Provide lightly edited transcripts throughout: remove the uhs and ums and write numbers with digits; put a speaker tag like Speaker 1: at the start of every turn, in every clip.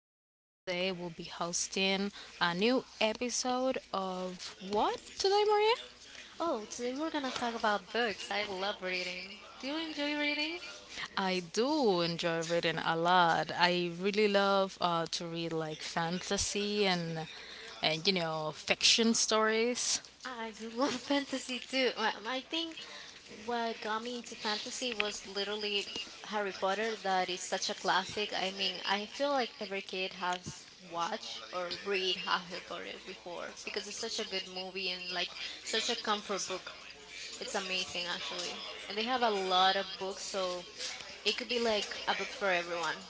Speaker 1: Today we'll be hosting a new episode of what today, Maria?
Speaker 2: Oh, today we're gonna talk about books. I love reading. Do you enjoy reading?
Speaker 1: I do enjoy reading a lot. I really love to read like fantasy and fiction stories.
Speaker 2: I do love fantasy too. I think what got me into fantasy was literally Harry Potter. That is such a classic. I mean, I feel like every kid has watched or read Harry Potter before because it's such a good movie and like such a comfort book. It's amazing actually. And they have a lot of books, so it could be like a book for everyone.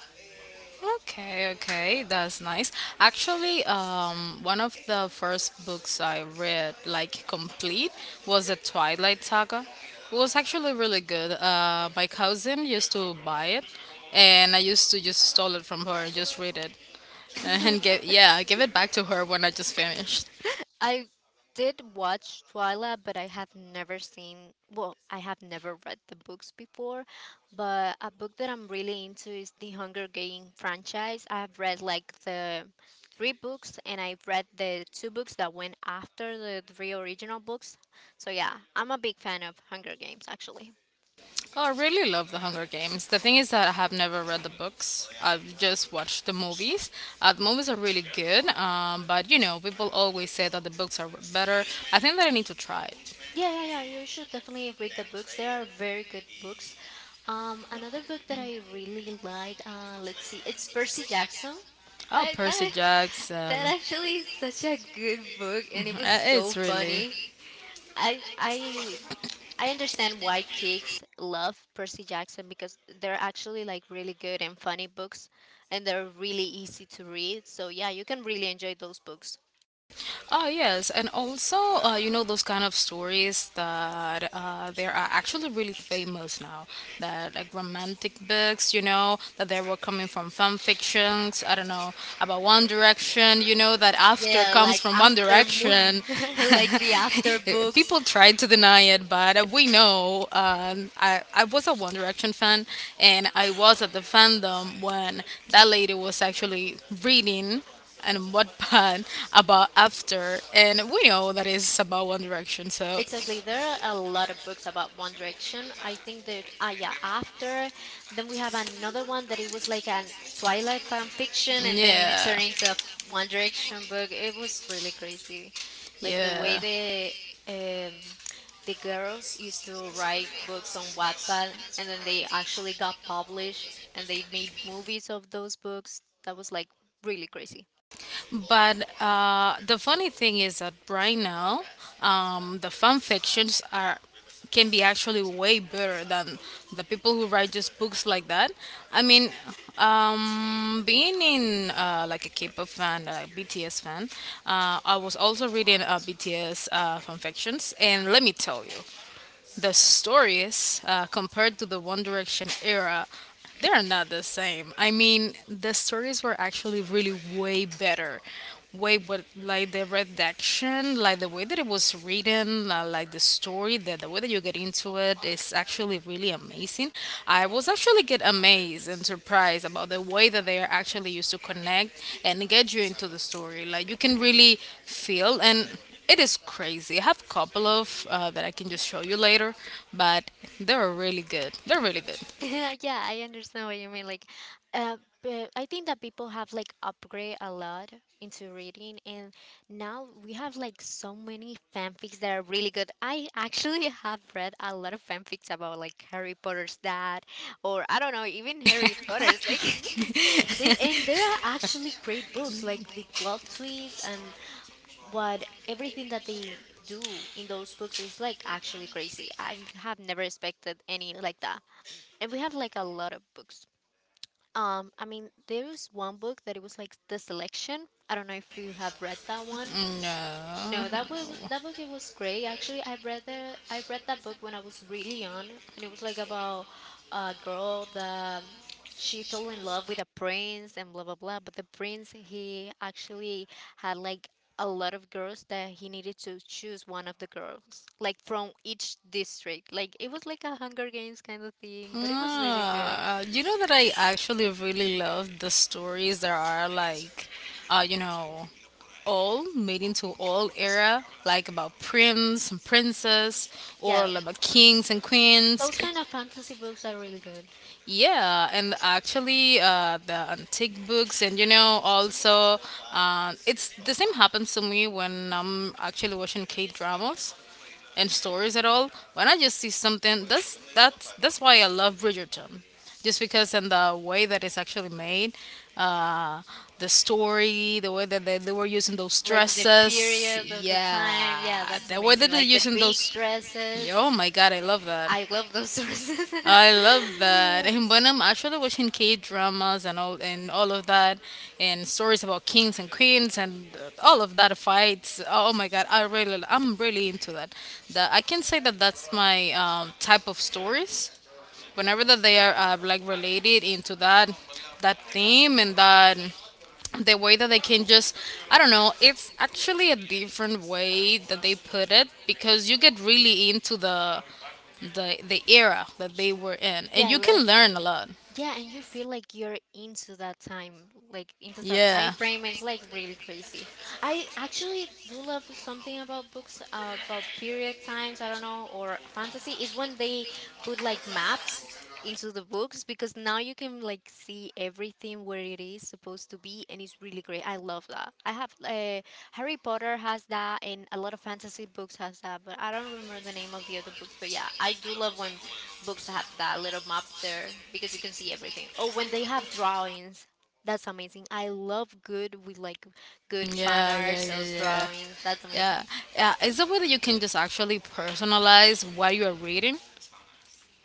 Speaker 1: Okay, okay, that's nice. Actually, one of the first books I read, like complete, was the Twilight Saga. It was actually really good. My cousin used to buy it, and I used to just stole it from her and just read it, and give yeah, I give it back to her when I just finished.
Speaker 2: I did watch Twilight, but I have never seen, well, I have never read the books before. But a book that I'm really into is the Hunger Game franchise. I've read like the three books, and I've read the two books that went after the three original books. So yeah, I'm a big fan of Hunger Games actually.
Speaker 1: Oh, I really love The Hunger Games. The thing is that I have never read the books. I've just watched the movies. The movies are really good, but you know, people always say that the books are better. I think that I need to try it.
Speaker 2: Yeah, yeah, yeah. You should definitely read the books. There are very good books. Another book that I really like. Let's see. It's Percy Jackson.
Speaker 1: Oh,
Speaker 2: I
Speaker 1: Percy
Speaker 2: that,
Speaker 1: Jackson.
Speaker 2: that actually is such a good book, and it was so
Speaker 1: It's really.
Speaker 2: funny. I I I understand why kids love Percy Jackson because they're actually like really good and funny books, and they're really easy to read. So yeah, you can really enjoy those books.
Speaker 1: Oh yes, and also you know those kind of stories that there are actually really famous now. That like romantic books, you know, that they were coming from fan fictions. I don't know about One Direction. You know that after
Speaker 2: Yeah,
Speaker 1: comes
Speaker 2: like
Speaker 1: from One
Speaker 2: after
Speaker 1: Direction.
Speaker 2: movie, like the after books.
Speaker 1: People try to deny it, but we know. I was a One Direction fan, and I was at the fandom when that lady was actually reading and what band about after, and we know that is about One Direction, so
Speaker 2: Exactly. There are a lot of books about One Direction. I think that yeah, after then we have another one that it was like a Twilight fan fiction and then it
Speaker 1: yeah,
Speaker 2: turned into a One Direction book. It was really crazy. Like the way
Speaker 1: yeah.
Speaker 2: um the girls used to write books on Wattpad and then they actually got published and they made movies of those books. That was like really crazy.
Speaker 1: But the funny thing is that right now, the fan fictions are can be actually way better than the people who write just books like that. I mean, being in like a K-pop fan, a BTS fan, I was also reading BTS fan fictions, and let me tell you, the stories, compared to the One Direction era, they are not the same. I mean, the stories were actually really way better. Way, but like the redaction, like the way that it was written, like the story, the way that you get into it is actually really amazing. I was actually get amazed and surprised about the way that they are actually used to connect and get you into the story. Like you can really feel and it is crazy. I have a couple of that I can just show you later, but they're really good. They're really good.
Speaker 2: Yeah, I understand what you mean. Uh, but I think that people have like upgrade a lot into reading, and now we have like so many fanfics that are really good. I actually have read a lot of fanfics about like Harry Potter's dad, or I don't know, even Harry Potter's like they and there are actually great books like the plot twists and what everything that they do in those books is like actually crazy. I have never expected any like that and we had like a lot of books. I mean, there was one book that it was like the selection. I don't know if you have read that one. No,
Speaker 1: No.
Speaker 2: that book it was great. Actually, I read that book when I was really young, and it was like about a girl that she fell in love with a prince and blah blah blah. But the prince he actually had like a lot of girls that he needed to choose one of the girls, like from each district. Like it was like a Hunger Games kind of theme, but it was really good.
Speaker 1: Ah, you know that I actually really love the stories that are like, uh, you know, old, made into old era, like about prince and princess, or
Speaker 2: Yeah,
Speaker 1: like about kings and queens.
Speaker 2: those kind of fantasy books are really good.
Speaker 1: Yeah, and actually, the antique books, and you know, also, it's the same happens to me when I'm actually watching K dramas and stories at all. When I just see something, that's why I love Bridgerton, just because and the way that it's actually made, uh, the story, the way that they were using those
Speaker 2: Like the
Speaker 1: dresses,
Speaker 2: period of the time. Yeah,
Speaker 1: yeah,
Speaker 2: that's
Speaker 1: the way
Speaker 2: amazing.
Speaker 1: that they're
Speaker 2: Like the
Speaker 1: using
Speaker 2: big
Speaker 1: those.
Speaker 2: dresses.
Speaker 1: Oh my God, I love that.
Speaker 2: I love those dresses.
Speaker 1: I love that. And when I'm actually watching K dramas and all of that, and stories about kings and queens and all of that fights. Oh my god, I really, I'm really into that. That I can say that that's my type of stories whenever that they are like related into that theme and that the way that they can just I don't know, it's actually a different way that they put it because you get really into the era that they were in and
Speaker 2: Yeah,
Speaker 1: you can
Speaker 2: like
Speaker 1: learn a lot.
Speaker 2: yeah, and you feel like you're into that time, like into that time
Speaker 1: Yeah,
Speaker 2: frame. And it's like really crazy. I actually do love something about books about period times. I don't know or fantasy is when they put like maps into the books because now you can like the everything where it is supposed to be, and it's really great. I love that. I have Harry Potter has that, and a lot of fantasy books has that, but I don't remember the name of the other books. But yeah, I do love when books have that little map there because you can see everything. Oh, when they have drawings. That's amazing. I love good with like good fan
Speaker 1: yeah, yeah,
Speaker 2: arts
Speaker 1: yeah,
Speaker 2: of
Speaker 1: yeah,
Speaker 2: drawings. That's
Speaker 1: yeah,
Speaker 2: amazing.
Speaker 1: yeah, it's a way that you can just actually personalize what you are reading.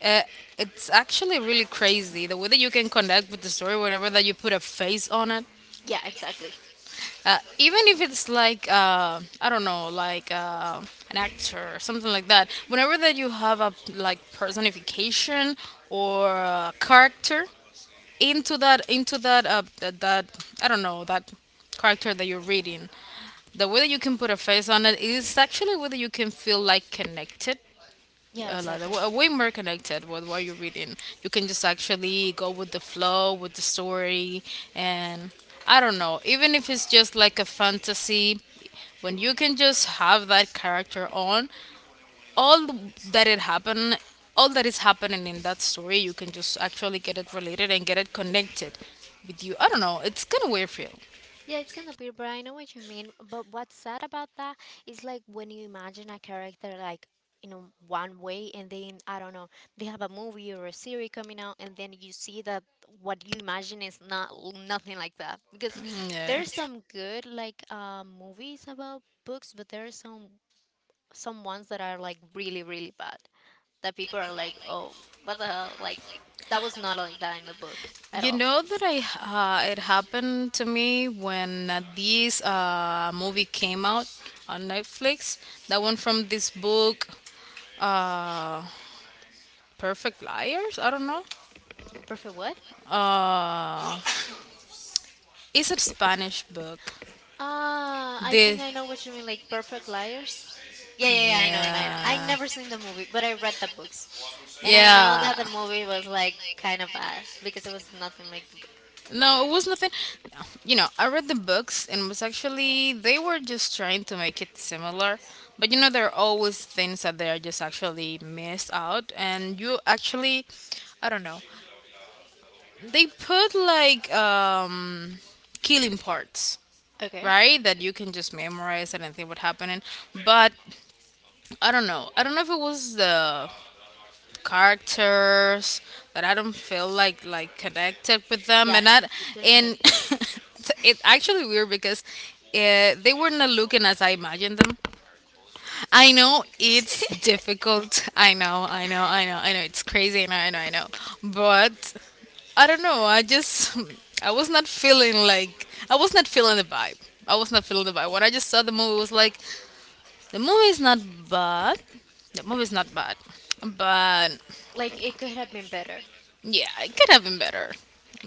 Speaker 1: uh, it's actually really crazy the way that you can connect with the story whenever that you put a face on it.
Speaker 2: Yeah, exactly.
Speaker 1: Even if it's like an actor or something like that. Whenever that you have a like personification or a character into that that, that I don't know that character that you're reading, the way that you can put a face on it is actually whether you can feel like connected
Speaker 2: Yeah,
Speaker 1: a lot
Speaker 2: exactly.
Speaker 1: of, way more connected with what you're reading. You can just actually go with the flow, with the story, and I don't know, even if it's just like a fantasy, when you can just have that character on, all that it happened, all that is happening in that story, you can just actually get it related and get it connected with you. I don't know, it's kind of weird feel.
Speaker 2: Yeah, it's gonna be But I know what you mean. But what's sad about that is like when you imagine a character like you know one way, and then I don't know they have a movie or a series coming out, and then you see that what you imagine is not nothing like that. Because
Speaker 1: Mm, yeah.
Speaker 2: there's some good like movies about books, but there are some ones that are like really really bad that people are like, oh, what the hell? Like that was not like that in the book at
Speaker 1: You
Speaker 2: all.
Speaker 1: know that I it happened to me when this movie came out on Netflix. That one from this book, uh, Perfect Liars. I don't know.
Speaker 2: Perfect what?
Speaker 1: Uh, it's a Spanish book.
Speaker 2: Ah, I
Speaker 1: The
Speaker 2: think I know what you mean, like Perfect Liars. Yeah, yeah, yeah. I know, and I know. I
Speaker 1: Yeah.
Speaker 2: never seen the movie, but I read the books, and I know
Speaker 1: Yeah.
Speaker 2: that the movie was like kind of bad because it was nothing like the book.
Speaker 1: No, it was nothing. You know, I read the books and was actually they were just trying to make it similar, but you know there are always things that they are just actually missed out, and you actually, I don't know, they put like killing parts,
Speaker 2: Okay.
Speaker 1: right? That you can just memorize it and think what happening, but I don't know. I don't know if it was the characters that I don't feel like connected with them,
Speaker 2: Yeah,
Speaker 1: and I
Speaker 2: it didn't connect.
Speaker 1: and it's actually weird because they were not looking as I imagined them. I know it's difficult. I know. I know. I know. I know. It's crazy. I know. I know. I know. But I don't know. I just I was not feeling like I was not feeling the vibe. I was not feeling the vibe. When I just saw the movie, it was like the movie is not bad. The movie is not bad, but
Speaker 2: Like it could have been better.
Speaker 1: yeah, it could have been better.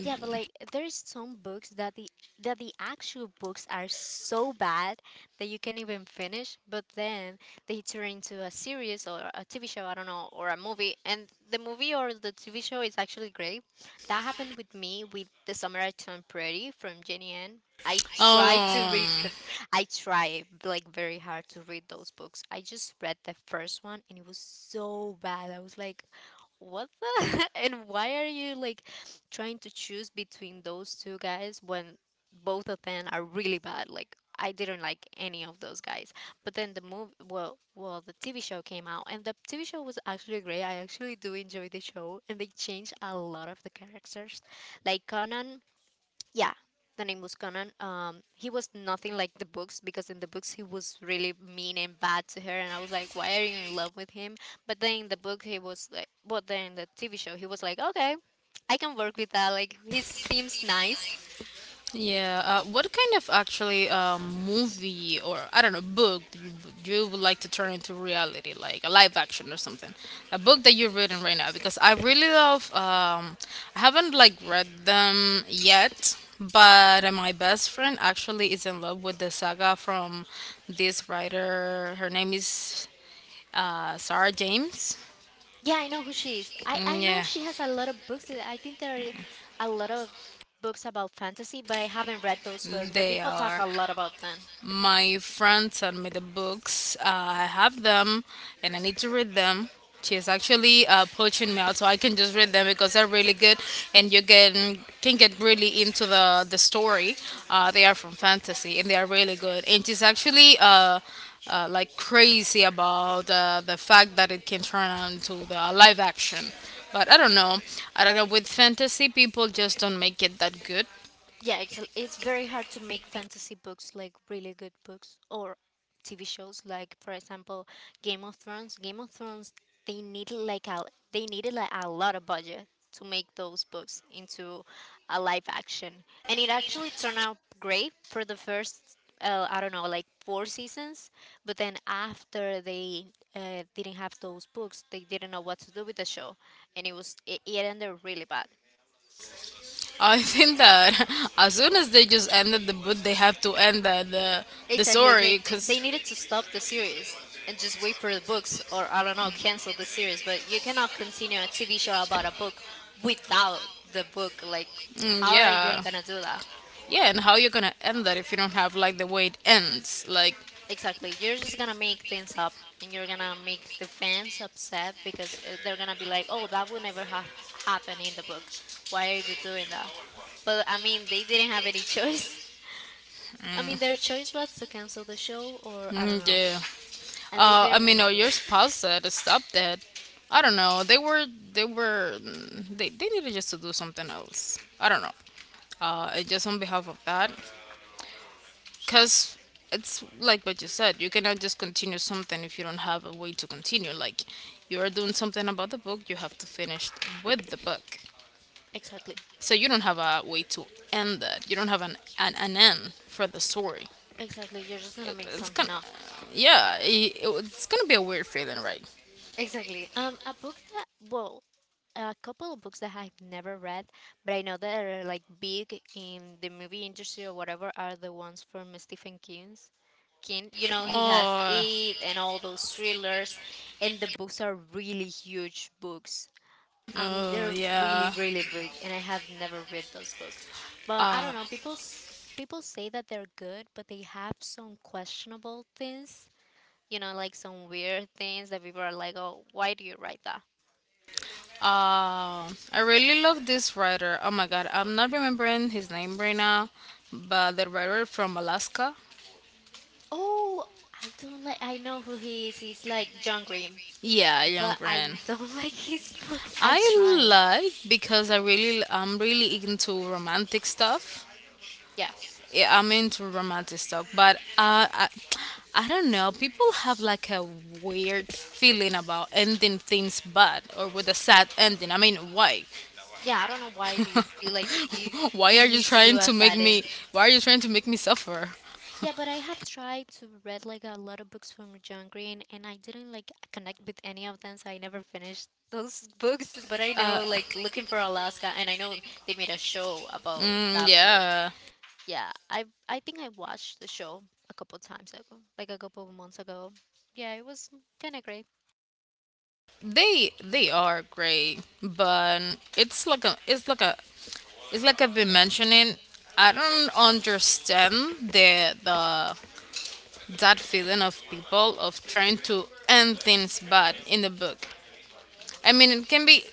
Speaker 2: Yeah, but like there's some books that the actual books are so bad that you can't even finish, but then they turn into a series or a TV show, I don't know, or a movie, and the movie or the TV show is actually great. That happened with me with The Summer I Turned Pretty from Jenny Ann.
Speaker 1: Um,
Speaker 2: I try like very hard to read those books. I just read the first one and it was so bad. I was like, what the and why are you like trying to choose between those two guys when both of them are really bad. Like I didn't like any of those guys. But then the movie, well, the TV show came out, and the TV show was actually great. I actually do enjoy the show, and they changed a lot of the characters. Like Conan yeah, the name was Conan. He was nothing like the books because in the books he was really mean and bad to her, and I was like, why are you in love with him? But then in the TV show he was like, okay, I can work with that. Like he seems nice.
Speaker 1: yeah. What kind of actually movie or I don't know book do you would like to turn into reality, like a live action or something? A book that you're reading right now because I really love. I haven't like read them yet, but my best friend actually is in love with the saga from this writer. Her name is Sarah James.
Speaker 2: Yeah, I know who she is. I
Speaker 1: Mm,
Speaker 2: know
Speaker 1: yeah,
Speaker 2: she has a lot of books. I think there are a lot of books about fantasy, but I haven't read those books. But
Speaker 1: they
Speaker 2: people talk
Speaker 1: are
Speaker 2: a lot about them.
Speaker 1: my friend sent me the books. I have them and I need to read them. She is actually poaching me out so I can just read them because they're really good and you can get really into the story. They are from fantasy and they are really good. And she's actually like crazy about the fact that it can turn out into the live action. But I don't know. I don't know. With fantasy, people just don't make it that good.
Speaker 2: It's very hard to make fantasy books like really good books or TV shows like for example Game of Thrones. They needed like a they needed like a lot of budget to make those books into a live action, and it actually turned out great for the first I don't know like four seasons. But then after they didn't have those books, they didn't know what to do with the show, and it ended really bad.
Speaker 1: I think that as soon as they just ended the book, they have to end the
Speaker 2: Exactly.
Speaker 1: story because
Speaker 2: They needed to stop the series and just wait for the books or I don't know, cancel the series, but you cannot continue a TV show about a book without the book. Like
Speaker 1: mm,
Speaker 2: how are you
Speaker 1: yeah,
Speaker 2: gonna do that?
Speaker 1: yeah, and how you're gonna end that if you don't have like the way it ends? Like
Speaker 2: Exactly. You're just gonna make things up and you're gonna make the fans upset because they're gonna be like, "Oh, that would never have happened in the book. Why are you doing that?" But I mean, they didn't have any choice. I mean, their choice was to cancel the show or I don't
Speaker 1: mm,
Speaker 2: know.
Speaker 1: yeah,
Speaker 2: And they
Speaker 1: I
Speaker 2: didn't want
Speaker 1: mean,
Speaker 2: to
Speaker 1: oh,
Speaker 2: do
Speaker 1: your
Speaker 2: it.
Speaker 1: spouse said to stop that. I don't know. They were mm, they needed just to do something else. I don't know. Just on behalf of that, because it's like what you said, you cannot just continue something if you don't have a way to continue. Like you are doing something about the book, you have to finish with the book.
Speaker 2: Exactly.
Speaker 1: So you don't have a way to end that. You don't have an end for the story.
Speaker 2: Exactly, you're just gonna
Speaker 1: It,
Speaker 2: make
Speaker 1: it's
Speaker 2: something
Speaker 1: gonna,
Speaker 2: up.
Speaker 1: yeah, it's gonna be a weird feeling, right?
Speaker 2: Exactly. A couple of books that I've never read, but I know that are like big in the movie industry or whatever are the ones from Stephen King's. King, you know, he has
Speaker 1: Oh,
Speaker 2: It and all those thrillers, and the books are really huge books. I mean,
Speaker 1: oh
Speaker 2: they're really,
Speaker 1: yeah.
Speaker 2: really big, and I have never read those books. But I
Speaker 1: Uh,
Speaker 2: don't know, people say that they're good, but they have some questionable things you know, like some weird things that people are like, oh, why do you write that?
Speaker 1: I really love this writer. Oh my god, I'm not remembering his name right now, but the writer from Alaska.
Speaker 2: Oh, I don't like, I know who he is. He's like John Green,
Speaker 1: Yeah, Young
Speaker 2: but I
Speaker 1: Grant.
Speaker 2: don't like his books. I
Speaker 1: I
Speaker 2: try.
Speaker 1: like because I'm really into romantic stuff.
Speaker 2: Yeah.
Speaker 1: Yeah, I'm into romantic stuff, but I don't know. People have like a weird feeling about ending things bad or with a sad ending. I mean, why?
Speaker 2: Yeah, I don't know why do you feel like
Speaker 1: Why
Speaker 2: you
Speaker 1: are you
Speaker 2: need to do
Speaker 1: trying
Speaker 2: a
Speaker 1: to make
Speaker 2: sad
Speaker 1: me?
Speaker 2: ending.
Speaker 1: Why are you trying to make me suffer?
Speaker 2: Yeah, but I have tried to read like a lot of books from John Green and I didn't like connect with any of them, so I never finished those books. But I
Speaker 1: uh,
Speaker 2: know like Looking for Alaska and I know they made a show about
Speaker 1: Mm,
Speaker 2: that book.
Speaker 1: yeah,
Speaker 2: Yeah, I think I watched the show a couple times ago, like a couple of months ago. Yeah, it was kind of great.
Speaker 1: they are great, but it's like I've been mentioning. I don't understand the that feeling of people of trying to end things bad in the book. I mean, it can be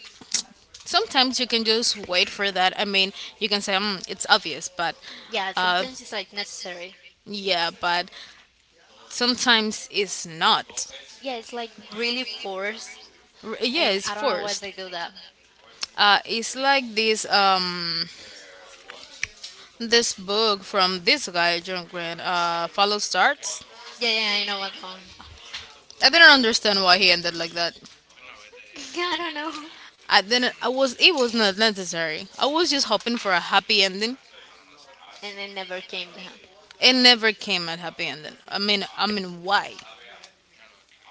Speaker 1: sometimes you can just wait for that. I mean, you can say mm, it's obvious, but
Speaker 2: Yeah,
Speaker 1: uh,
Speaker 2: sometimes it's like necessary.
Speaker 1: yeah, but sometimes it's not.
Speaker 2: Yeah, it's like really forced,
Speaker 1: Yeah,
Speaker 2: and
Speaker 1: it's
Speaker 2: I don't know why
Speaker 1: forced.
Speaker 2: they do that.
Speaker 1: It's like this this book from this guy John Grant. Follow starts.
Speaker 2: Yeah, yeah, I know what's going.
Speaker 1: I didn't understand why he ended like that.
Speaker 2: I don't know,
Speaker 1: I didn't. I was. It was not necessary. I was just hoping for a happy ending.
Speaker 2: and it never came down.
Speaker 1: It never came a happy ending. I mean, why?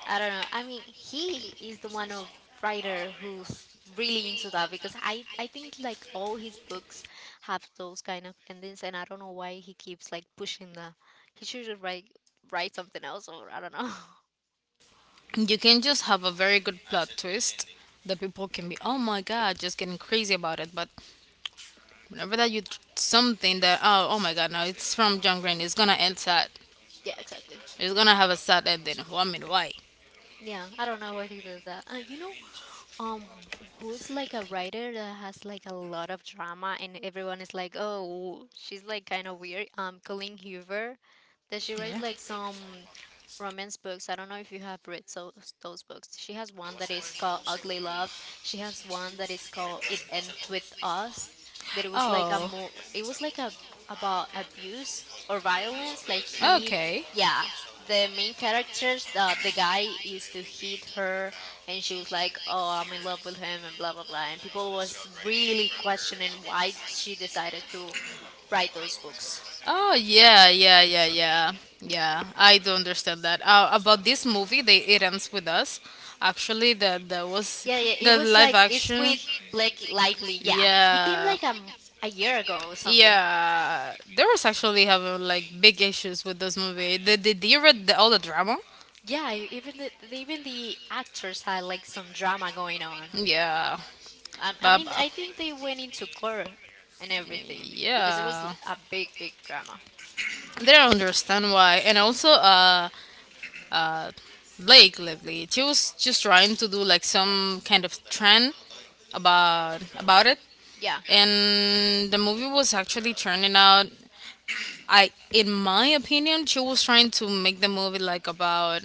Speaker 2: I don't know. I mean, he is the one of writer who's really into that because I think like all his books have those kind of endings, and I don't know why he keeps like pushing that. He should just write something else, or I don't know.
Speaker 1: You can just have a very good plot twist that people can be, oh my god, just getting crazy about it. But whenever that something that, oh, oh my god, no, it's from John Green, it's gonna end sad.
Speaker 2: Yeah, exactly.
Speaker 1: It's gonna have a sad ending. Well, I mean, why?
Speaker 2: Yeah, I don't know why he does that. Um Who's like a writer that has like a lot of drama and everyone is like, oh, she's like kind of weird, Colleen Hoover, that she writes
Speaker 1: Yeah.
Speaker 2: like some romance books, I don't know if you have read, so those books. She has one that is called Ugly Love, she has one that is called It Ends With Us, that it was like a
Speaker 1: Oh.
Speaker 2: mo it was like a about abuse or violence like he.
Speaker 1: Okay.
Speaker 2: Yeah, the main characters, the guy used to hit her and she was like, oh, I'm in love with him and blah blah blah, and people was really questioning why she decided to write those books.
Speaker 1: Oh, yeah, yeah, yeah, yeah, yeah, I do understand that. About this movie, they it ends with us. Actually, that was
Speaker 2: Yeah, yeah, it
Speaker 1: the
Speaker 2: was
Speaker 1: live
Speaker 2: like it's
Speaker 1: action.
Speaker 2: with Blake Lively. Yeah, he came
Speaker 1: Yeah.
Speaker 2: like a year ago or something.
Speaker 1: Yeah, there was actually having like big issues with this movie. Did you read all the drama?
Speaker 2: Yeah, even even the actors had like some drama going on.
Speaker 1: Yeah.
Speaker 2: I
Speaker 1: But
Speaker 2: mean, I think they went into court and everything because it was
Speaker 1: yeah,
Speaker 2: a big drama.
Speaker 1: they don't understand why. And also, uh, Blake lately, she was just trying to do like some kind of trend about it,
Speaker 2: Yeah,
Speaker 1: and the movie was actually turning out. I, in my opinion, she was trying to make the movie like about,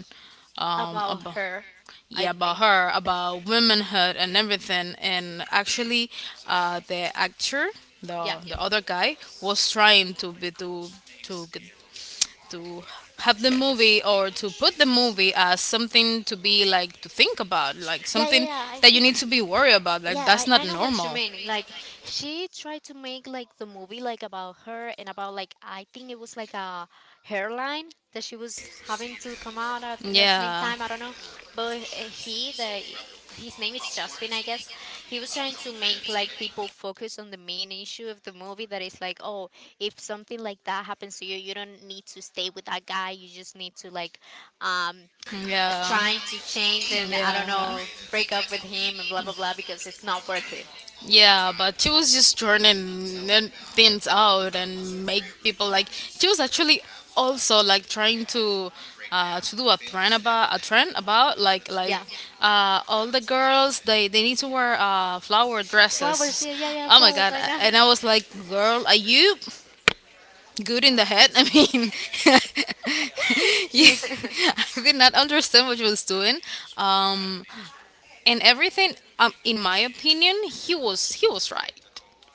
Speaker 2: about
Speaker 1: about.
Speaker 2: her,
Speaker 1: Yeah,
Speaker 2: I
Speaker 1: about
Speaker 2: think.
Speaker 1: her, about womanhood and everything. And actually, the actor, the
Speaker 2: Yeah.
Speaker 1: the other guy was trying to be to g- to have the movie or to put the movie as something to be like to think about, like
Speaker 2: Yeah, yeah,
Speaker 1: something
Speaker 2: yeah. I
Speaker 1: that you need
Speaker 2: think
Speaker 1: to be worried about, like
Speaker 2: yeah,
Speaker 1: that's not
Speaker 2: I know what you
Speaker 1: normal.
Speaker 2: mean. Like, she tried to make like the movie like about her and about, like, I think it was like a hairline that she was having to come out at the same
Speaker 1: Yeah,
Speaker 2: time, I don't know. But he the his name is Justin, I guess. He was trying to make like people focus on the main issue of the movie that is like, oh, if something like that happens to you, you don't need to stay with that guy. You just need to like um
Speaker 1: yeah,
Speaker 2: trying to change and I don't
Speaker 1: yeah.
Speaker 2: know, break up with him and blah blah blah, because it's not worth it.
Speaker 1: Yeah, but she was just turning things out and make people like she was actually also like trying to, to do a trend, about a trend, about like like
Speaker 2: Yeah,
Speaker 1: uh, all the girls, they need to wear flower
Speaker 2: flowers.
Speaker 1: dresses.
Speaker 2: Yeah, yeah, yeah,
Speaker 1: Oh my
Speaker 2: flowers.
Speaker 1: god!
Speaker 2: I know.
Speaker 1: And I was like, girl, are you good in the head? I mean, you, I did not understand what she was doing. Um, and everything. In my opinion, he was right.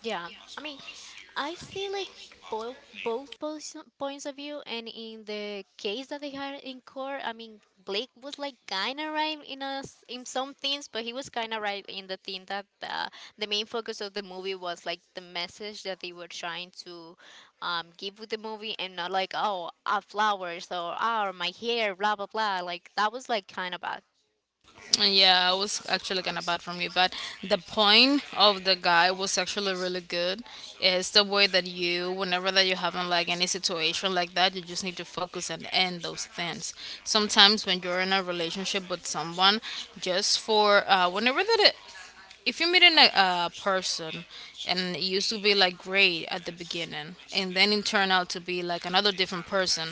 Speaker 2: Yeah, I mean, I see like both points of view, and in the case that they had in court, I mean Blake was like kind of right in us in some things, but he was kind of right in the thing that the main focus of the movie was like the message that they were trying to give with the movie, and not like, oh, flowers or oh my hair, blah blah blah. Like that was like kind of bad.
Speaker 1: Yeah, I was actually kind of bad from you, but the point of the guy was actually really good. It's the way that you, whenever that you having like any situation like that, you just need to focus and end those things. Sometimes when you're in a relationship with someone, just for whenever that it, if you meet a person and it used to be like great at the beginning and then it turned out to be like another different person.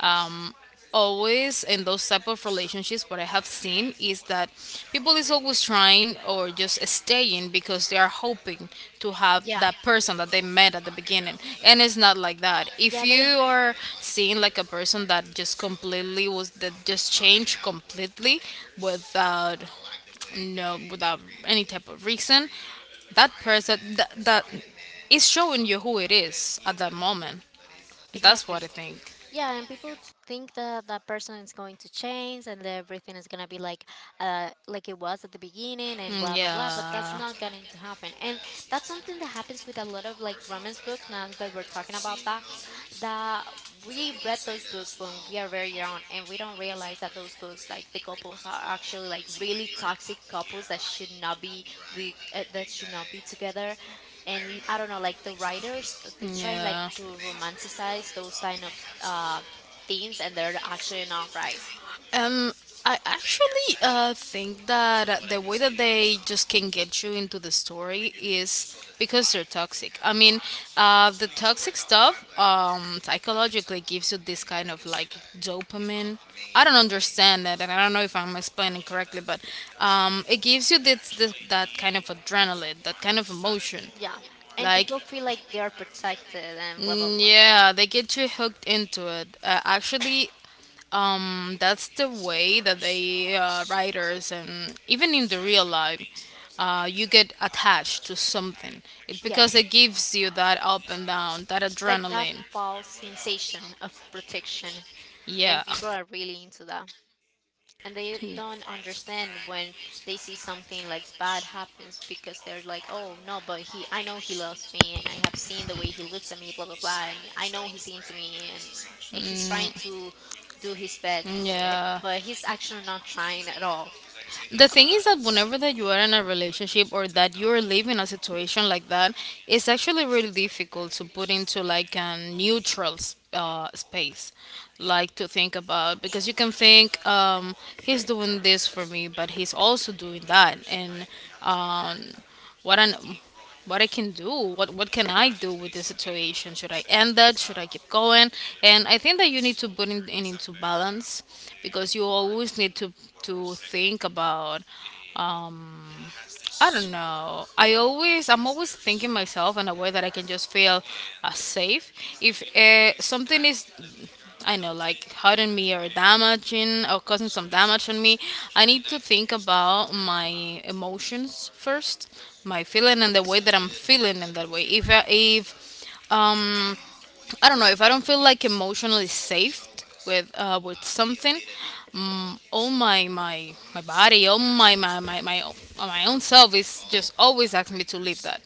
Speaker 1: um Always in those type of relationships, what I have seen is that people is always trying or just staying because they are hoping to have
Speaker 2: Yeah,
Speaker 1: that person that they met at the beginning. And it's not like that. If
Speaker 2: yeah,
Speaker 1: you
Speaker 2: they
Speaker 1: are seeing like a person that just completely was that just changed completely without, no without any type of reason, that person that is showing you who it is at that moment, that's
Speaker 2: exactly.
Speaker 1: what I think.
Speaker 2: Yeah, and people think that that person is going to change and that everything is gonna be like it was at the beginning and
Speaker 1: Mm,
Speaker 2: blah blah blah. But that's
Speaker 1: yeah,
Speaker 2: not going to happen, and that's something that happens with a lot of like romance books. Now that we're talking about that, that we read those books when we are very young, and we don't realize that those books, like the couples, are actually like really toxic couples that should not be with that should not be together. And I don't know, like the writers they try like
Speaker 1: yeah.
Speaker 2: to romanticize those kind of uh, things, and they're actually not right.
Speaker 1: Um, I actually think that the way that they just can get you into the story is because they're toxic. I mean, the toxic stuff psychologically gives you this kind of like dopamine. I don't understand that, and I don't know if I'm explaining correctly, but it gives you this, this that kind of adrenaline, that kind of emotion.
Speaker 2: Yeah, and
Speaker 1: Like,
Speaker 2: people feel like they are protected and blah blah
Speaker 1: mm,
Speaker 2: blah.
Speaker 1: yeah, they get you hooked into it. Actually, that's the way that they, writers, and even in the real life, you get attached to something. It's because
Speaker 2: Yes,
Speaker 1: it gives you that up and down, that
Speaker 2: like that
Speaker 1: adrenaline.
Speaker 2: false sensation of protection,
Speaker 1: Yeah.
Speaker 2: and people are really into that, and they don't understand when they see something like bad happens because they're like, oh no, but he, I know he loves me, and I have seen the way he looks at me, blah blah blah, and I know he's into me, and he's trying
Speaker 1: Mm,
Speaker 2: to do his best,
Speaker 1: yeah.
Speaker 2: but he's actually not trying at all.
Speaker 1: The thing is that whenever that you are in a relationship or that you're living a situation like that, it's actually really difficult to put into like a neutral space, like to think about, because you can think, he's doing this for me, but he's also doing that. And um, what I, what I can do, what can I do with this situation? Should I end that? Should I keep going? And I think that you need to put it in, into balance, because you always need to think about. um, I don't know. I'm always thinking myself in a way that I can just feel safe. If something is, I know, like hurting me or damaging or causing some damage on me, I need to think about my emotions first, my feeling and the way that I'm feeling in that way. If I don't know, if I don't feel like emotionally safe with, with something, all my body, all my own self is just always asking me to leave that.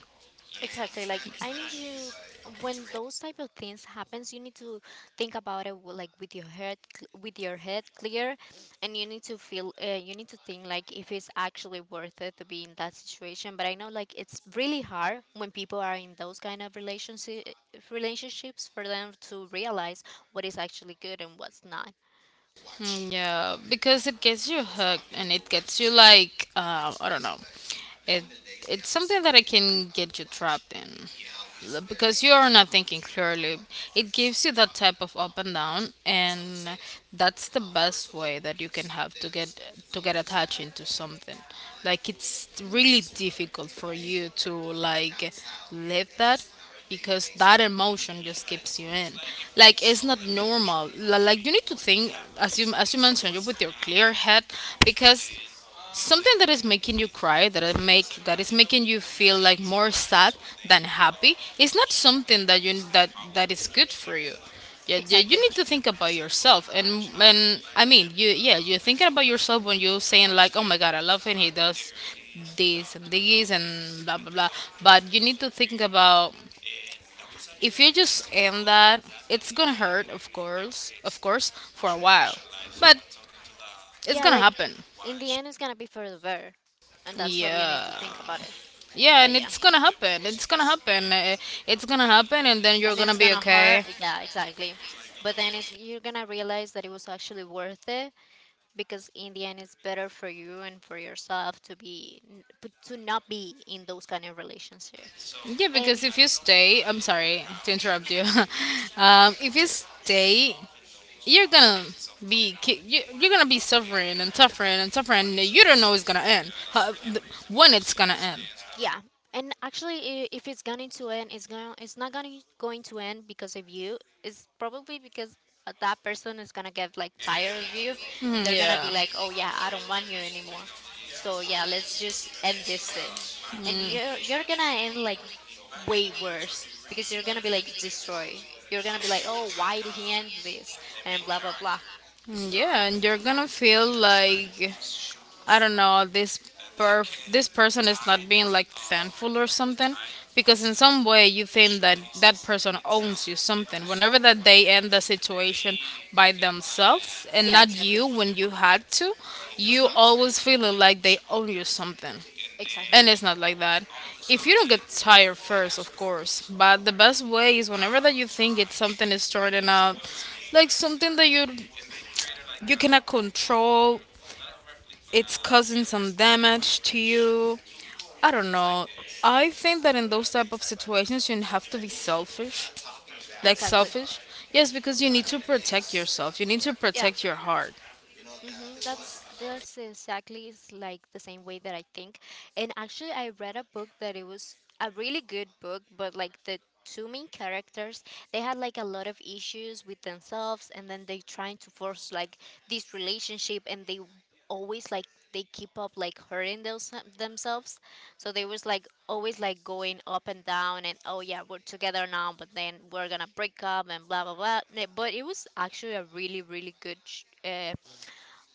Speaker 2: Exactly. Like I need you, when those type of things happens, you need to think about it like with your with your head clear, and you need to feel you need to think like if it's actually worth it to be in that situation. But I know like it's really hard when people are in those kind of relationships for them to realize what is actually good and what's not.
Speaker 1: Mm, yeah, because it gets you hooked and it gets you like, I don't know. It it's something that I can get you trapped in, because you are not thinking clearly. It gives you that type of up and down, and that's the best way that you can have to get attached into something. Like it's really difficult for you to like live that, because that emotion just keeps you in, like it's not normal. Like, you need to think, as you, as you mentioned, you with your clear head, because something that is making you cry, that is make that is making you feel like more sad than happy, is not something that you that that is good for you. Yeah, yeah, you
Speaker 2: Exactly.
Speaker 1: need to think about yourself. And I mean, you yeah, you're thinking about yourself when you're saying like, oh my God, I love him, he does this and this and blah blah blah. But you need to think about, if you just end that, it's gonna hurt, of course, for a while, but it's
Speaker 2: Yeah,
Speaker 1: gonna
Speaker 2: like
Speaker 1: happen.
Speaker 2: in the end, it's gonna be for the better, and that's what you need to
Speaker 1: Yeah.
Speaker 2: think about it.
Speaker 1: Yeah,
Speaker 2: But
Speaker 1: and
Speaker 2: yeah.
Speaker 1: it's gonna happen. It's gonna happen. It's gonna happen, and then you're
Speaker 2: And
Speaker 1: gonna
Speaker 2: it's
Speaker 1: be
Speaker 2: gonna hurt,
Speaker 1: okay.
Speaker 2: yeah, exactly, but then it's, you're gonna realize that it was actually worth it because in the end it's better for you and for yourself to be to not be in those kind of relationships.
Speaker 1: Yeah, because
Speaker 2: And
Speaker 1: if you stay, I'm sorry to interrupt you. If you stay, you're gonna you're gonna be suffering and suffering and suffering. And you don't know it's gonna end. How, when it's gonna end?
Speaker 2: yeah, and actually, if it's going to end, it's going it's not going to end because of you. It's probably because that person is gonna get like tired of you, and
Speaker 1: Mhm.
Speaker 2: they're gonna be
Speaker 1: Yeah.
Speaker 2: like, "Oh yeah, I don't want you anymore." So yeah, let's just end this thing, and you're gonna end like way worse because you're gonna be like destroyed. You're gonna be like, "Oh, why did he end this?" and blah blah blah.
Speaker 1: Hmm, yeah, and you're gonna feel like, I don't know, this person is not being like thankful or something, because in some way you think that that person owns you something whenever that they end the situation by themselves and
Speaker 2: Yeah,
Speaker 1: not
Speaker 2: exactly.
Speaker 1: you, when you had to. You
Speaker 2: Mhm.
Speaker 1: always feeling like they owe you something,
Speaker 2: Exactly.
Speaker 1: and it's not like that if you don't get tired first, of course. But the best way is whenever that you think it's something is starting out like something that you cannot control, it's causing some damage to you. I don't know. I think that in those type of situations you have to be selfish. Like
Speaker 2: Exactly.
Speaker 1: selfish? Yes, because you need to protect yourself. You need to
Speaker 2: Yeah.
Speaker 1: protect your heart.
Speaker 2: Mm-hmm. That's exactly is like the same way that I think. And actually, I read a book that it was a really good book, but like the two main characters, they had like a lot of issues with themselves, and then they trying to force like this relationship, and they always like they keep up like hurting those, themselves. So they was like always like going up and down, and oh yeah, we're together now, but then we're gonna break up and blah blah blah. But it was actually a really really good. Sh- uh,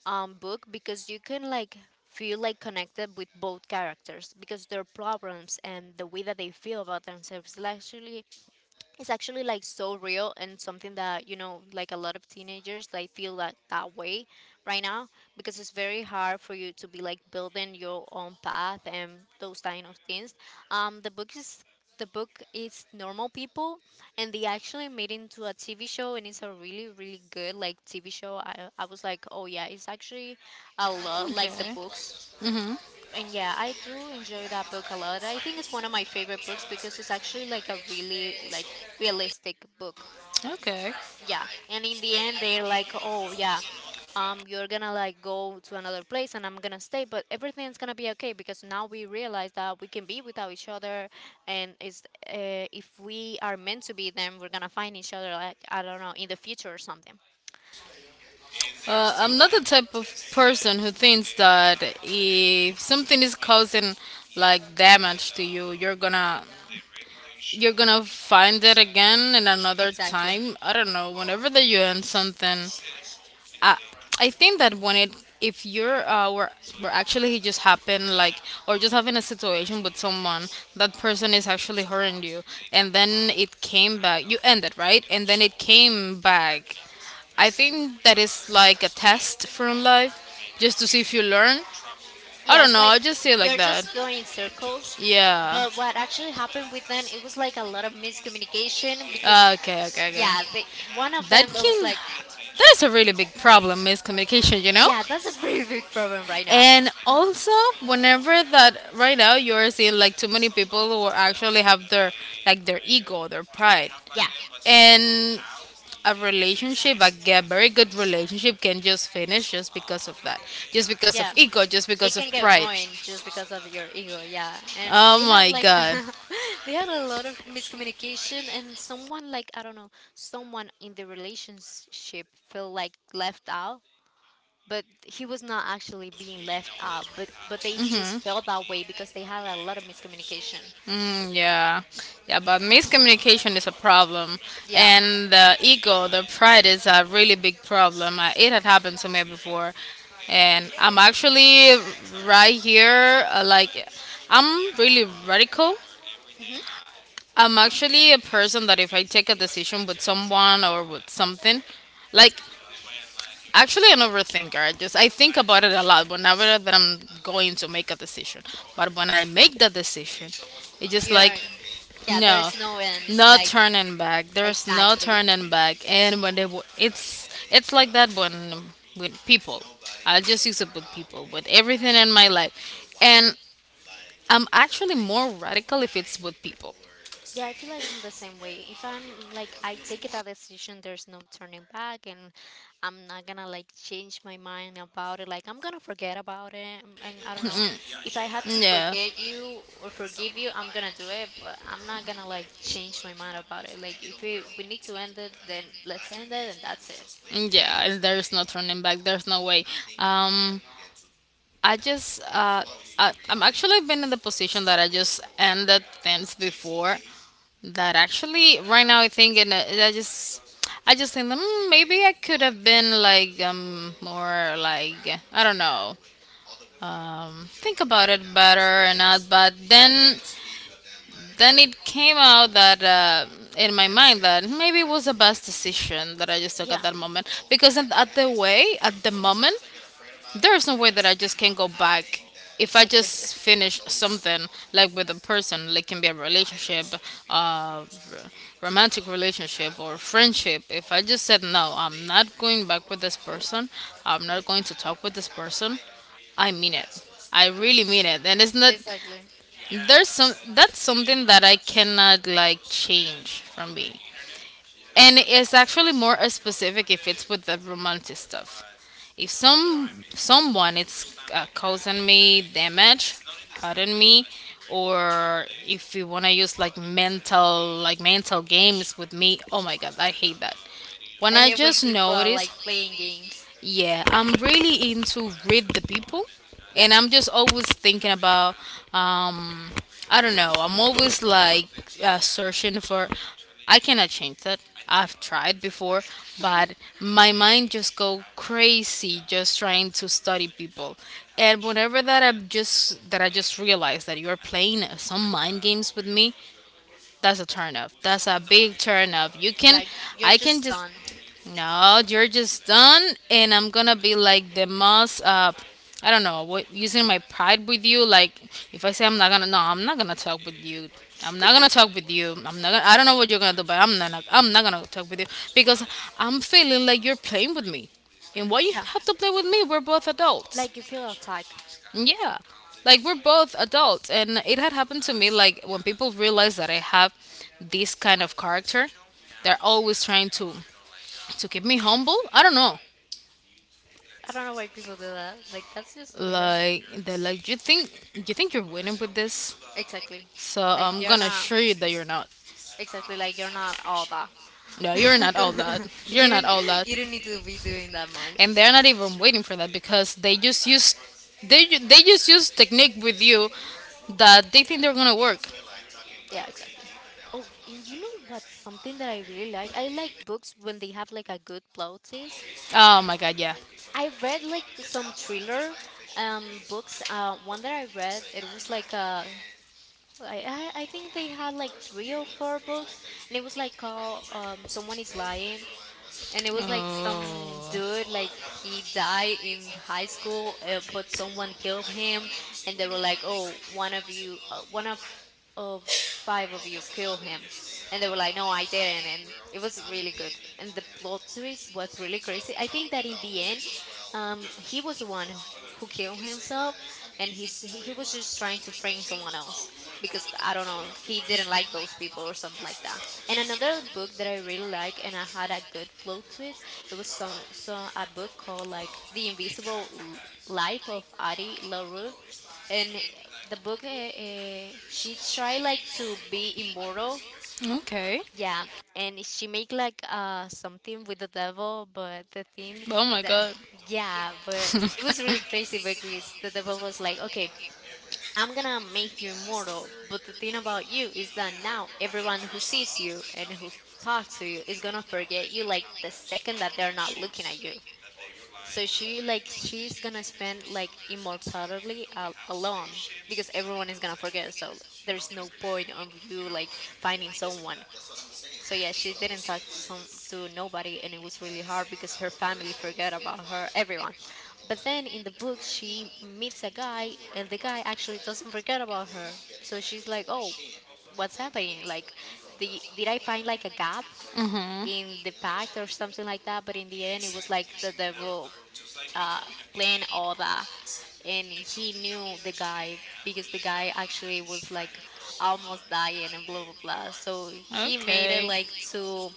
Speaker 2: um, Book, because you can like feel like connected with both characters because their problems and the way that they feel about themselves is actually, it's actually like so real and something that you know like a lot of teenagers like feel that that way right now because it's very hard for you to be like building your own path and those kind of things. The book is, the book is Normal People, and they actually made into a TV show, and it's a really really good like TV show. I was like, oh yeah, it's actually a lot like the
Speaker 1: Okay.
Speaker 2: books. And yeah, I do enjoy that book a lot. I think it's one of my favorite books because it's actually like a really like realistic book.
Speaker 1: Okay.
Speaker 2: Yeah. And in the end they're like, "Oh, yeah. You're going to like go to another place and I'm going to stay, but everything's going to be okay because now we realize that we can be without each other, and it's if we are meant to be then we're going to find each other, like I don't know, in the future or something."
Speaker 1: I'm not the type of person who thinks that if something is causing like damage to you, you're gonna find it again in another
Speaker 2: Exactly.
Speaker 1: time. I don't know. Whenever that you end something, I think that when it, if were actually it just happened like, or just having a situation with someone, that person is actually hurting you, and then it came back, you ended, right, and then it came back, I think that is like a test from life, just to see if you learn. I
Speaker 2: Yeah,
Speaker 1: don't
Speaker 2: it's
Speaker 1: know,
Speaker 2: like
Speaker 1: I just see it like
Speaker 2: you're
Speaker 1: that.
Speaker 2: just going in circles.
Speaker 1: Yeah.
Speaker 2: But what actually happened with them, it was like a lot of miscommunication because,
Speaker 1: Okay okay.
Speaker 2: yeah, they, one of
Speaker 1: That
Speaker 2: them I was
Speaker 1: can,
Speaker 2: like,
Speaker 1: that is a really big problem, miscommunication, you know.
Speaker 2: yeah, that's a very big problem right now.
Speaker 1: And also, whenever that right now you are seeing like too many people who actually have their like their ego, their pride,
Speaker 2: Yeah,
Speaker 1: and a relationship, like a very good relationship, can just finish just because of that, just because of
Speaker 2: yeah,
Speaker 1: ego, just
Speaker 2: it
Speaker 1: because of
Speaker 2: can get
Speaker 1: pride.
Speaker 2: ruined just because of your ego. Yeah, and
Speaker 1: Oh
Speaker 2: they have
Speaker 1: my
Speaker 2: like,
Speaker 1: god!
Speaker 2: they had a lot of miscommunication, and someone like I don't know, someone in the relationship felt like left out, but he was not actually being left out, but they just felt that way because they had a lot of miscommunication.
Speaker 1: Mm, yeah, yeah, but miscommunication is a problem,
Speaker 2: Yeah.
Speaker 1: and the ego, the pride is a really big problem. It had happened to me before, and I'm actually right here. Like, I'm really radical.
Speaker 2: Hmm.
Speaker 1: I'm actually a person that if I take a decision with someone or with something, like actually an overthinker. I think about it a lot whenever that I'm going to make a decision. But when I make that decision, it's just
Speaker 2: Yeah,
Speaker 1: like
Speaker 2: yeah, there's
Speaker 1: no,
Speaker 2: no end
Speaker 1: no
Speaker 2: like
Speaker 1: turning back. There's no
Speaker 2: exactly.
Speaker 1: turning back. And when they, it's like that when with people. I just use it with people, with everything in my life. And I'm actually more radical if it's with people.
Speaker 2: Yeah, I feel like I'm the same way. If I'm like I take that decision, there's no turning back, and I'm not gonna like change my mind about it. Like I'm gonna forget about it, and I don't know, if I had to
Speaker 1: Yeah,
Speaker 2: forget you or forgive you, I'm gonna do it, but I'm not gonna like change my mind about it. Like if we need to end it, then let's end it, and that's it.
Speaker 1: yeah. There's no turning back. There's no way. Um, I just I'm actually been in the position that I just ended things before. That actually right now I think and I just think maybe I could have been like more like I don't know think about it better and not but then it came out that in my mind that maybe it was the best decision that I just took at
Speaker 2: Yeah,
Speaker 1: that moment because at the way at the moment there's no way that I just can not go back if I
Speaker 2: exactly,
Speaker 1: just finish something like with a person, like can be a relationship, uh, romantic relationship or friendship. If I just said no, I'm not going back with this person. I'm not going to talk with this person. I mean it. I really mean it. And it's not
Speaker 2: exactly.
Speaker 1: there's some that's something that I cannot like change from me, and it's actually more specific if it's with the romantic stuff. If someone is causing me damage, hurting me, or if you wanna use like mental games with me, oh my god, I hate that.
Speaker 2: I
Speaker 1: When I
Speaker 2: hate when
Speaker 1: just
Speaker 2: people are
Speaker 1: notice
Speaker 2: like playing games.
Speaker 1: yeah, I'm really into read the people,
Speaker 2: Yeah,
Speaker 1: and I'm just always thinking about, um, I don't know. I'm always like searching for. I cannot change that. I've tried before, but my mind just go crazy just trying to study people. And whenever that I just realize that you're playing some mind games with me, that's a turn off. That's a big turn off. You can,
Speaker 2: like you're
Speaker 1: I can
Speaker 2: just
Speaker 1: just,
Speaker 2: done.
Speaker 1: no, you're just done, and I'm gonna be like the most, I don't know, what, using my pride with you. Like, if I say I'm not gonna, no, I'm not gonna talk with you. I'm not gonna talk with you. I'm not gonna, I don't know what you're gonna do, but I'm not gonna talk with you because I'm feeling like you're playing with me. And why you have to play with me? We're both adults.
Speaker 2: Like you feel attacked.
Speaker 1: Yeah. Like we're both adults and it had happened to me like when people realize that I have this kind of character, they're always trying to keep me humble. I don't know.
Speaker 2: I don't know why people do that. Like that's just weird.
Speaker 1: Like they're like you think you're winning with this?
Speaker 2: Exactly.
Speaker 1: So
Speaker 2: Like
Speaker 1: I'm
Speaker 2: you're
Speaker 1: gonna
Speaker 2: not
Speaker 1: assure you that you're not.
Speaker 2: exactly like you're not all that.
Speaker 1: No, you're not all that.
Speaker 2: You
Speaker 1: You're not
Speaker 2: don't,
Speaker 1: all that.
Speaker 2: you don't need to be doing that much.
Speaker 1: And they're not even waiting for that because they just use technique with you that they think they're gonna work.
Speaker 2: Yeah, exactly. Oh, and you know what's something that I really like? I like books when they have like a good plot twist.
Speaker 1: Oh my god, yeah.
Speaker 2: I read like some thriller books. One that I read, it was like I I think they had like three or four books, and it was like called someone is lying, and it was like some
Speaker 1: Oh.
Speaker 2: dude like he died in high school, but someone killed him. And they were like, oh, one of you one of five of you kill him, and they were like, no, I didn't. And it was really good, and the plot twist was really crazy. I think that in the end, he was the one who killed himself, and he was just trying to frame someone else because I don't know, he didn't like those people or something like that. And another book that I really like and I had a good plot twist, it was some so a book called like The Invisible Life of Addie LaRue, and the book she tried like to be immortal,
Speaker 1: Okay.
Speaker 2: yeah, and she make like something with the devil, but the thing
Speaker 1: Oh my
Speaker 2: that.
Speaker 1: god.
Speaker 2: Yeah, but it was really crazy because the devil was like, okay, I'm gonna make you immortal, but the thing about you is that now everyone who sees you and who talks to you is gonna forget you like the second that they're not looking at you. So she like she's gonna spend like immortality alone because everyone is gonna forget. So there's no point of you like finding someone. So yeah, she didn't talk to nobody, and it was really hard because her family forgot about her, everyone. But then in the book, she meets a guy, and the guy actually doesn't forget about her. So she's like, "Oh, what's happening? Like, did I find like a gap
Speaker 1: Mhm.
Speaker 2: in the pact or something like that?" But in the end, it was like the devil uh, playing all that, and he knew the guy because the guy actually was like almost dying and blah blah blah, so he made it
Speaker 1: Okay.
Speaker 2: like to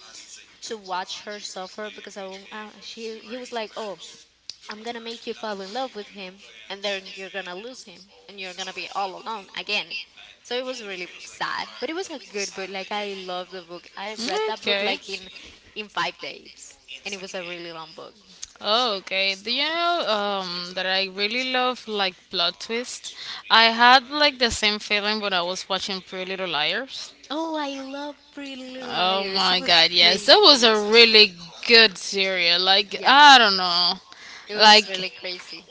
Speaker 2: to watch her suffer because I, won't- she he was like, oh, I'm gonna make you fall in love with him, and then you're gonna lose him, and you're gonna be all alone again. So it was really sad, but it was a good book. Like, I love the book. I read that book
Speaker 1: Okay.
Speaker 2: like in 5 days, and it was a really long book.
Speaker 1: Okay. Do you know that I really love like plot twist? I had like the same feeling when I was watching Pretty Little Liars.
Speaker 2: Oh, I love Pretty Little
Speaker 1: Oh
Speaker 2: Liars. It
Speaker 1: my
Speaker 2: was
Speaker 1: god, yes. That was a
Speaker 2: crazy.
Speaker 1: really good series. Like,
Speaker 2: Yeah,
Speaker 1: I don't know.
Speaker 2: it was
Speaker 1: Like,
Speaker 2: really crazy.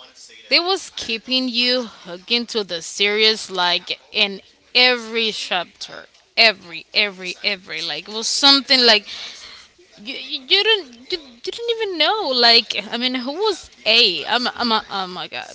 Speaker 1: they was keeping you hooked into the series, like, in every chapter. Every, every. Like, it was something like You, you didn't you you didn't even know like I mean who was A? Oh my god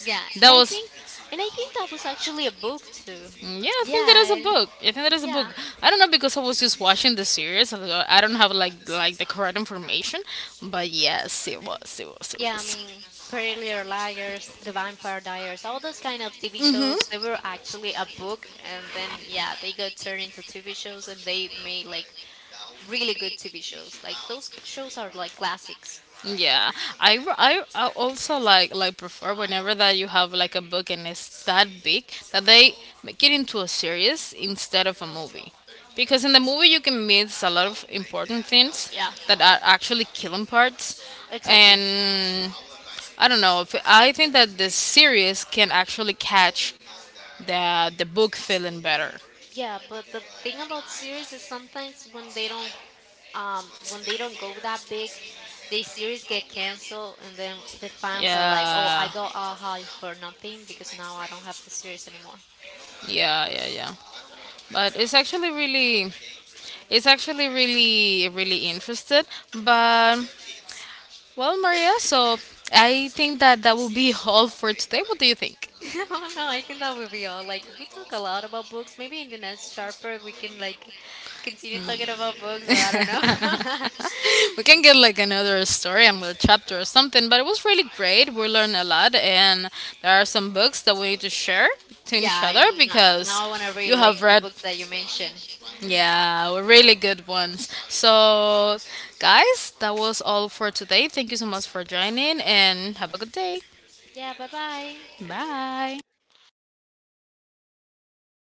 Speaker 2: Yeah,
Speaker 1: that
Speaker 2: and I
Speaker 1: was
Speaker 2: think, and I think that was actually a book too.
Speaker 1: yeah
Speaker 2: Yeah,
Speaker 1: I think that is a book.
Speaker 2: yeah,
Speaker 1: I don't know because I was just watching the series so I don't have like the correct information but yes
Speaker 2: yeah. I
Speaker 1: it
Speaker 2: mean, Pretty Little Liars, The Vampire Diaries, all those kind of TV shows.
Speaker 1: was.
Speaker 2: They were actually a book, and then yeah, they got turned into TV shows, and they made like really good TV shows. Like those shows are like classics.
Speaker 1: Yeah, I also like prefer whenever that you have like a book and it's that big that they make it into a series instead of a movie, because in the movie you can miss a lot of important things
Speaker 2: Yeah,
Speaker 1: that are actually killing parts,
Speaker 2: exactly.
Speaker 1: and I don't know if I think that the series can actually catch the book feeling better.
Speaker 2: Yeah, but the thing about series is sometimes when they don't go that big, they series get canceled, and then the fans are like, oh, I
Speaker 1: Yeah,
Speaker 2: got a high for nothing because now I don't have the series anymore.
Speaker 1: yeah, yeah, yeah. But it's actually really, really interested. But, well, Maria, so I think that that will be all for today. What do you think?
Speaker 2: Oh no, I think that will be all. Like, we talk a lot about books. Maybe in the next sharper we can like continue talking about books, or I don't know.
Speaker 1: We can get like another story, another chapter or something, but it was really great. We learned a lot, and there are some books that we need to share to each
Speaker 2: Yeah,
Speaker 1: other
Speaker 2: I'm not,
Speaker 1: because
Speaker 2: now I want to read
Speaker 1: you
Speaker 2: like
Speaker 1: have
Speaker 2: the
Speaker 1: read,
Speaker 2: books that you mentioned.
Speaker 1: yeah, really good ones. So, guys, that was all for today. Thank you so much for joining, and have a good day.
Speaker 2: Yeah, bye bye.
Speaker 1: Bye.